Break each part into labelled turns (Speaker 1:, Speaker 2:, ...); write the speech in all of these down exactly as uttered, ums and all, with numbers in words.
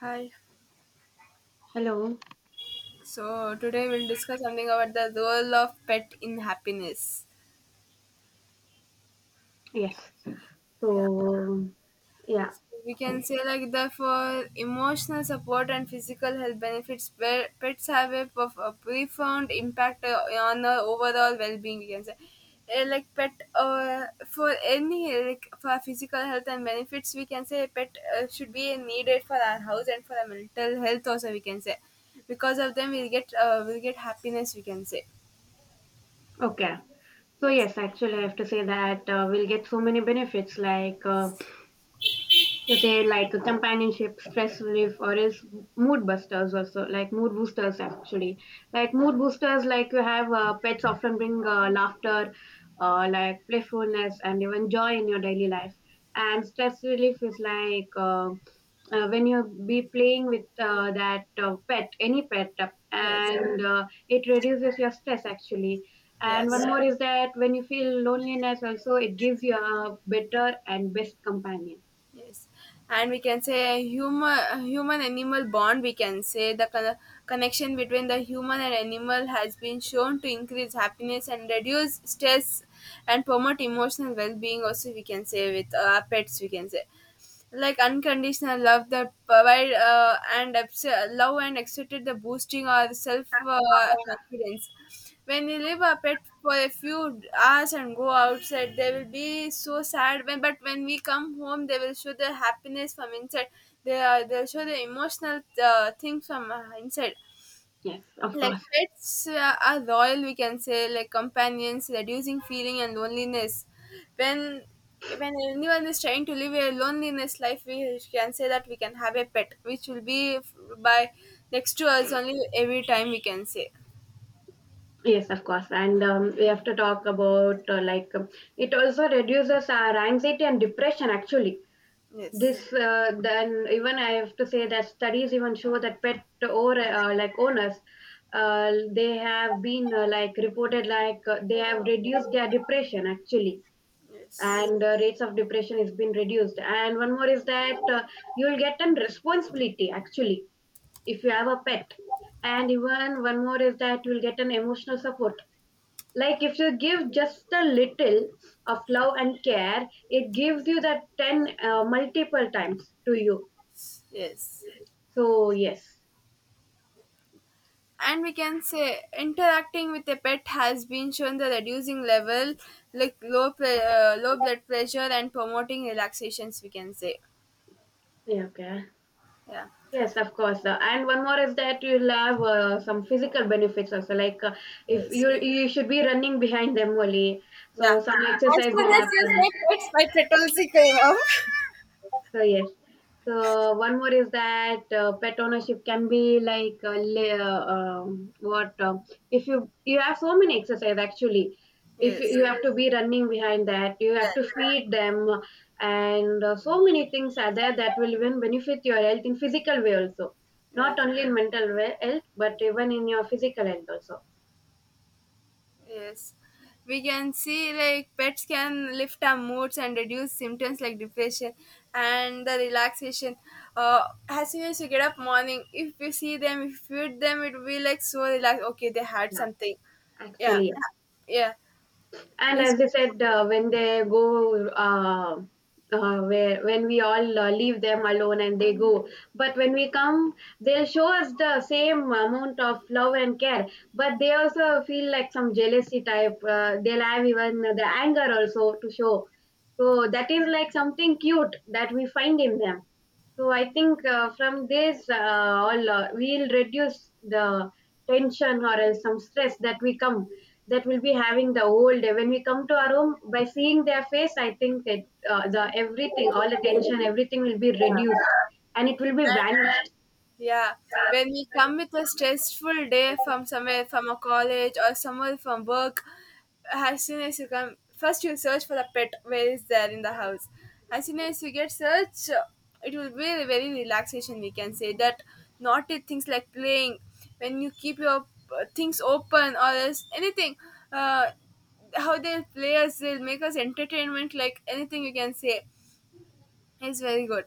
Speaker 1: Hi.
Speaker 2: Hello.
Speaker 1: So today we'll discuss something about the role of pet in happiness.
Speaker 2: Yes.
Speaker 1: Yeah.
Speaker 2: So, yeah.
Speaker 1: So we can say like the for emotional support and physical health benefits, where pets have a, prof- a profound impact uh, on the overall well-being, we can say. Uh, like pet uh, for any like for physical health and benefits we can say pet uh, should be needed for our house, and for our mental health also we can say because of them we'll get uh, we'll get happiness, we can say.
Speaker 2: Okay. So, yes, actually, I have to say that uh, we'll get so many benefits like, uh, to say, like companionship, stress relief, or is mood busters also, like mood boosters, actually. Like, mood boosters, like you have uh, pets often bring uh, laughter, uh, like playfulness, and even joy in your daily life. And stress relief is like, uh, uh, when you be playing with uh, that uh, pet, any pet uh,
Speaker 1: Yes,
Speaker 2: and uh, it reduces your stress, actually. And one
Speaker 1: yes.
Speaker 2: more is that when you feel loneliness also, it gives you a better and best companion.
Speaker 1: Yes, and we can say human human animal bond. We can say the con- connection between the human and animal has been shown to increase happiness and reduce stress and promote emotional well being. Also, we can say with uh, pets, we can say like unconditional love that provide uh, and abs- love and accepted the boosting our self uh, confidence. When you leave a pet for a few hours and go outside, they will be so sad when, but when we come home they will show the happiness from inside. They are they'll show the emotional uh, things from uh, inside.
Speaker 2: Yes, of
Speaker 1: Like
Speaker 2: course.
Speaker 1: pets uh, are royal, we can say, like companions reducing feeling and loneliness when when anyone is trying to live a loneliness life, we can say that we can have a pet which will be f- by next to us only every time, we can say.
Speaker 2: Yes, of course. And um, we have to talk about uh, like um, it also reduces our anxiety and depression, actually. This
Speaker 1: Yes,
Speaker 2: uh, then even I have to say that studies even show that pet or uh, like owners, uh, they have been uh, like reported like uh, they have reduced their depression, actually.
Speaker 1: yes,
Speaker 2: And uh, rates of depression has been reduced. And one more is that uh, you will get an responsibility, actually, if you have a pet. And even one more is that you'll get an emotional support, like if you give just a little of love and care, it gives you that ten uh, multiple times to you.
Speaker 1: yes,
Speaker 2: so yes,
Speaker 1: and we can say interacting with a pet has been shown the reducing level, like low pre- uh, low blood pressure and promoting relaxations, we can say.
Speaker 2: Yeah, okay.
Speaker 1: Yeah,
Speaker 2: Yes, of course. Uh, and one more is that you'll have uh, some physical benefits also. Like uh, if
Speaker 1: yes.
Speaker 2: you you should be running behind them only,
Speaker 1: Yeah.
Speaker 2: so some
Speaker 1: As
Speaker 2: exercise
Speaker 1: soon
Speaker 2: will
Speaker 1: as you
Speaker 2: happen.
Speaker 1: say pets, my pet also came up.
Speaker 2: So yes. So one more is that uh, pet ownership can be like uh, la- uh, um, what uh, if you you have so many exercise, actually. If you
Speaker 1: Yes.
Speaker 2: you have to be running behind that, you have
Speaker 1: Yes.
Speaker 2: to feed them, and uh, so many things are there that will even benefit your health in physical way also, not
Speaker 1: Yes.
Speaker 2: only in mental we- health but even in your physical health also.
Speaker 1: Yes. We can see like pets can lift our moods and reduce symptoms like depression and the relaxation. Uh, as soon as you get up morning, if you see them, if you feed them, it will be like so relaxed. Okay, they had
Speaker 2: Yeah,
Speaker 1: something. Yeah.
Speaker 2: actually.
Speaker 1: Yeah.
Speaker 2: And
Speaker 1: It's-
Speaker 2: as I said, uh, when they go, uh, uh, where when we all uh, leave them alone and they go, but when we come, they show us the same amount of love and care, but they also feel like some jealousy type. Uh, they'll have even the anger also to show. So that is like something cute that we find in them. So I think uh, from this, uh, all uh, we'll reduce the tension or else some stress that we come, that will be having the whole day. When we come to our home, by seeing their face, I think it, uh, the everything, all the tension, everything will be reduced, and it will be vanished.
Speaker 1: Yeah, when we come with a stressful day from somewhere, from a college or somewhere from work, as soon as you come, first you search for the pet, where is there in the house. As soon as you get search, it will be a very relaxation, we can say. That naughty things like playing, when you keep your uh, things open or else anything, uh, how they play us, they'll make us entertainment like anything you can say is very good.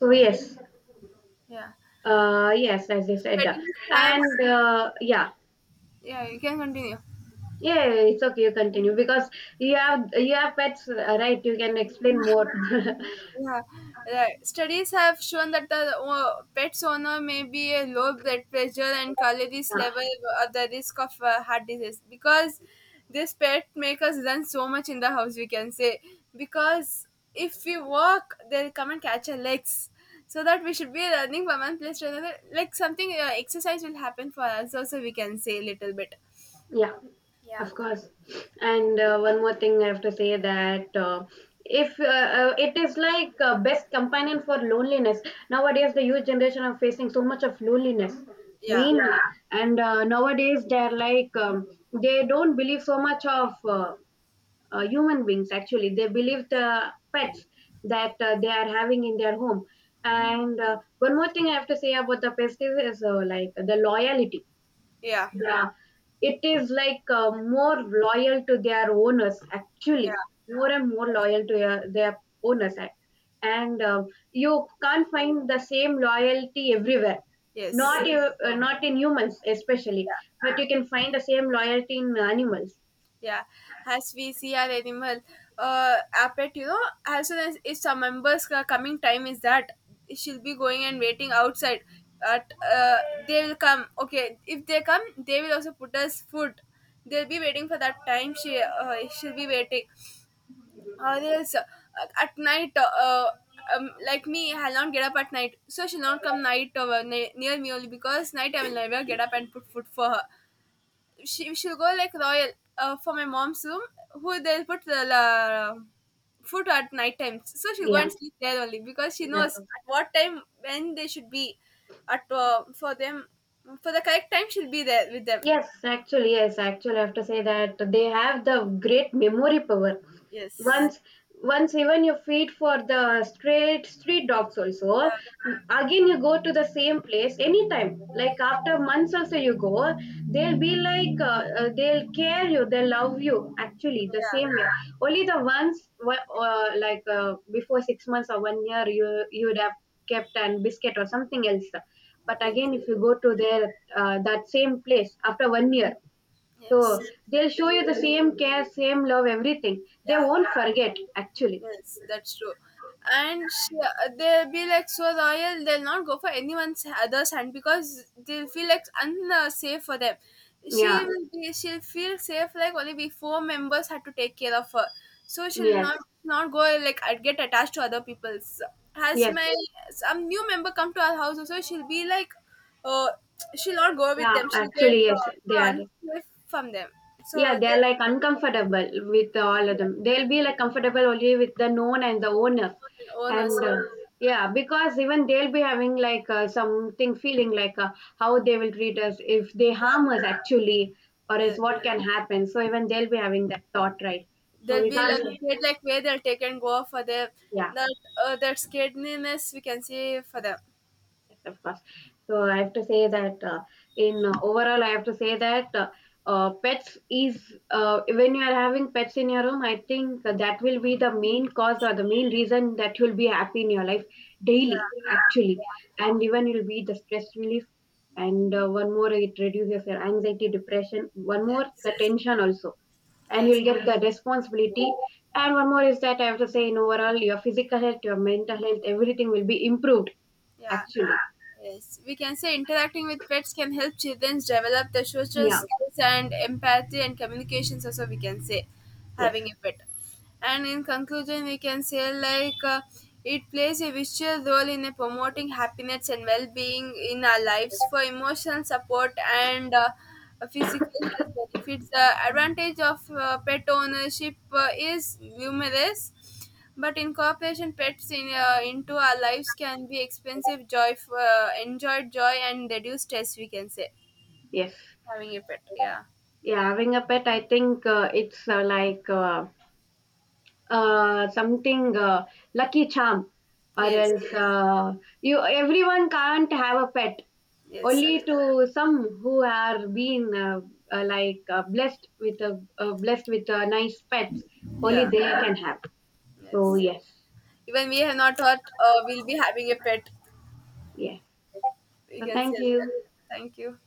Speaker 2: So yes,
Speaker 1: Yeah,
Speaker 2: uh, yes, as I said,
Speaker 1: studies have.
Speaker 2: and uh, yeah,
Speaker 1: Yeah, you can continue.
Speaker 2: yeah, it's okay. You continue, because you have you have pets, uh, right? You can explain more.
Speaker 1: Yeah, right. Studies have shown that the uh, pet's owner may be a low blood pressure and calories level at the risk of uh, heart disease, because this pet make us run so much in the house, we can say, because if we walk, they'll come and catch our legs. So that we should be running from one place to another, like something uh, exercise will happen for us also, we can say, a little bit.
Speaker 2: Yeah,
Speaker 1: Yeah,
Speaker 2: of course. And uh, one more thing I have to say that uh, if uh, uh, it is like uh, best companion for loneliness. Nowadays, the youth generation are facing so much of loneliness
Speaker 1: yeah,
Speaker 2: mainly. Yeah, and uh, nowadays they're like um, they don't believe so much of uh, uh, human beings, actually. They believe the pets that uh, they are having in their home. And uh, one more thing I have to say about the pets is uh, like the loyalty.
Speaker 1: yeah,
Speaker 2: Yeah, it is like uh, more loyal to their owners,
Speaker 1: yeah.
Speaker 2: actually, more and more loyal to their, their owners. a- And uh, you can't find the same loyalty everywhere,
Speaker 1: Yes.
Speaker 2: not, you- uh, not in humans, especially, but you can find the same loyalty in animals.
Speaker 1: Yeah, as we see our animal uh, appet, you know, as soon as if some members ca- coming time is that she'll be going and waiting outside. At uh, they will come. Okay, if they come, they will also put us food. They'll be waiting for that time. She uh, she'll be waiting. Or else uh, at night, uh, um, like me, I'll not get up at night, so she'll not come night uh, ne- near me only, because night I will never get up and put food for her. She she'll go like royal uh, for my mom's room who they'll put the la, food at night time, so she'll go
Speaker 2: Yeah,
Speaker 1: and sleep there only, because she knows
Speaker 2: that's all.
Speaker 1: at what time when they should be at, uh, for them. For the correct time she'll be there with them.
Speaker 2: Yes, actually, yes, actually, I have to say that they have the great memory power.
Speaker 1: Yes,
Speaker 2: Once, once even you feed for the straight street dogs also,
Speaker 1: yeah,
Speaker 2: again you go to the same place anytime. Like after months also you go, they'll be like uh, uh, they'll care you, they love you. Actually, the
Speaker 1: yeah,
Speaker 2: same way. Only the ones wh- uh, like uh, before six months or one year, you you would have kept an biscuit or something else. But
Speaker 1: yeah.
Speaker 2: again
Speaker 1: Yes,
Speaker 2: if you go to their uh, that same place after one year,
Speaker 1: yes.
Speaker 2: so they'll show you the
Speaker 1: They-
Speaker 2: same care, same love, everything, they
Speaker 1: yeah.
Speaker 2: won't forget actually.
Speaker 1: Yes, that's true. And she, they'll be like so loyal, they'll not go for anyone's other's hand because they'll feel like unsafe for them. She
Speaker 2: Yeah,
Speaker 1: will be, she'll feel safe like only we four members had to take care of her, so she'll
Speaker 2: yes.
Speaker 1: not not go like I'd get attached to other people's. Has
Speaker 2: Yes.
Speaker 1: my some new member come to our house also, she'll be like, uh, she'll not go with
Speaker 2: yeah
Speaker 1: them. She'll get
Speaker 2: actually
Speaker 1: uh,
Speaker 2: yes they are
Speaker 1: so unsafe from them.
Speaker 2: Yeah,
Speaker 1: So
Speaker 2: they're like
Speaker 1: they,
Speaker 2: uncomfortable with all of
Speaker 1: yeah,
Speaker 2: them. They'll be like comfortable only with the known and the owners.
Speaker 1: own owners,
Speaker 2: And uh, yeah, because even they'll be having like uh, something feeling like uh, how they will treat us, if they
Speaker 1: yeah,
Speaker 2: harm us, actually, or
Speaker 1: yeah.
Speaker 2: else
Speaker 1: Yes.
Speaker 2: what can happen. So even they'll be having that thought, right? So
Speaker 1: They'll
Speaker 2: we
Speaker 1: be like
Speaker 2: can't,
Speaker 1: scared, like where they'll take and go for their
Speaker 2: yeah.
Speaker 1: that, uh, that scaredness we can see for them.
Speaker 2: Yes, of course. So I have to say that uh, in uh, overall, I have to say that uh, uh, pets is uh, when you are having pets in your home, I think that will be the main cause or the main reason that you'll be happy in your life daily,
Speaker 1: Yeah,
Speaker 2: actually. And even you'll be the stress relief. And uh, one more, it reduces your anxiety, depression. One more, the
Speaker 1: yes,
Speaker 2: tension also, and
Speaker 1: yes,
Speaker 2: you'll get the responsibility. And one more is that I have to say, in overall, your physical health, your mental health, everything will be improved,
Speaker 1: yeah,
Speaker 2: actually.
Speaker 1: yes, we can say interacting with pets can help children develop their social
Speaker 2: Yeah.
Speaker 1: skills and empathy and communications also, we can say.
Speaker 2: Yes,
Speaker 1: Having a pet, and in conclusion we can say like uh, it plays a visual role in uh, promoting happiness and well-being in our lives. For emotional support and uh, physical health benefits, the advantage of uh, pet ownership uh, is numerous, but incorporation pets in, uh, into our lives can be expensive joy for, uh, enjoyed joy and reduce stress, we can say.
Speaker 2: yes.
Speaker 1: Having a pet, yeah.
Speaker 2: Yeah, having a pet, I think uh, it's uh, like uh, uh, something uh, lucky charm, or
Speaker 1: Yes,
Speaker 2: else uh, you, everyone can't have a pet.
Speaker 1: yes, sir.
Speaker 2: Only to some who are being uh, uh, like uh, blessed with a uh, blessed with a nice pets, only
Speaker 1: Yeah,
Speaker 2: they can have. So
Speaker 1: yes.
Speaker 2: yes,
Speaker 1: Even we have not thought uh, we'll be having a pet.
Speaker 2: yes.
Speaker 1: We
Speaker 2: So
Speaker 1: can say
Speaker 2: thank you.
Speaker 1: that. Thank you.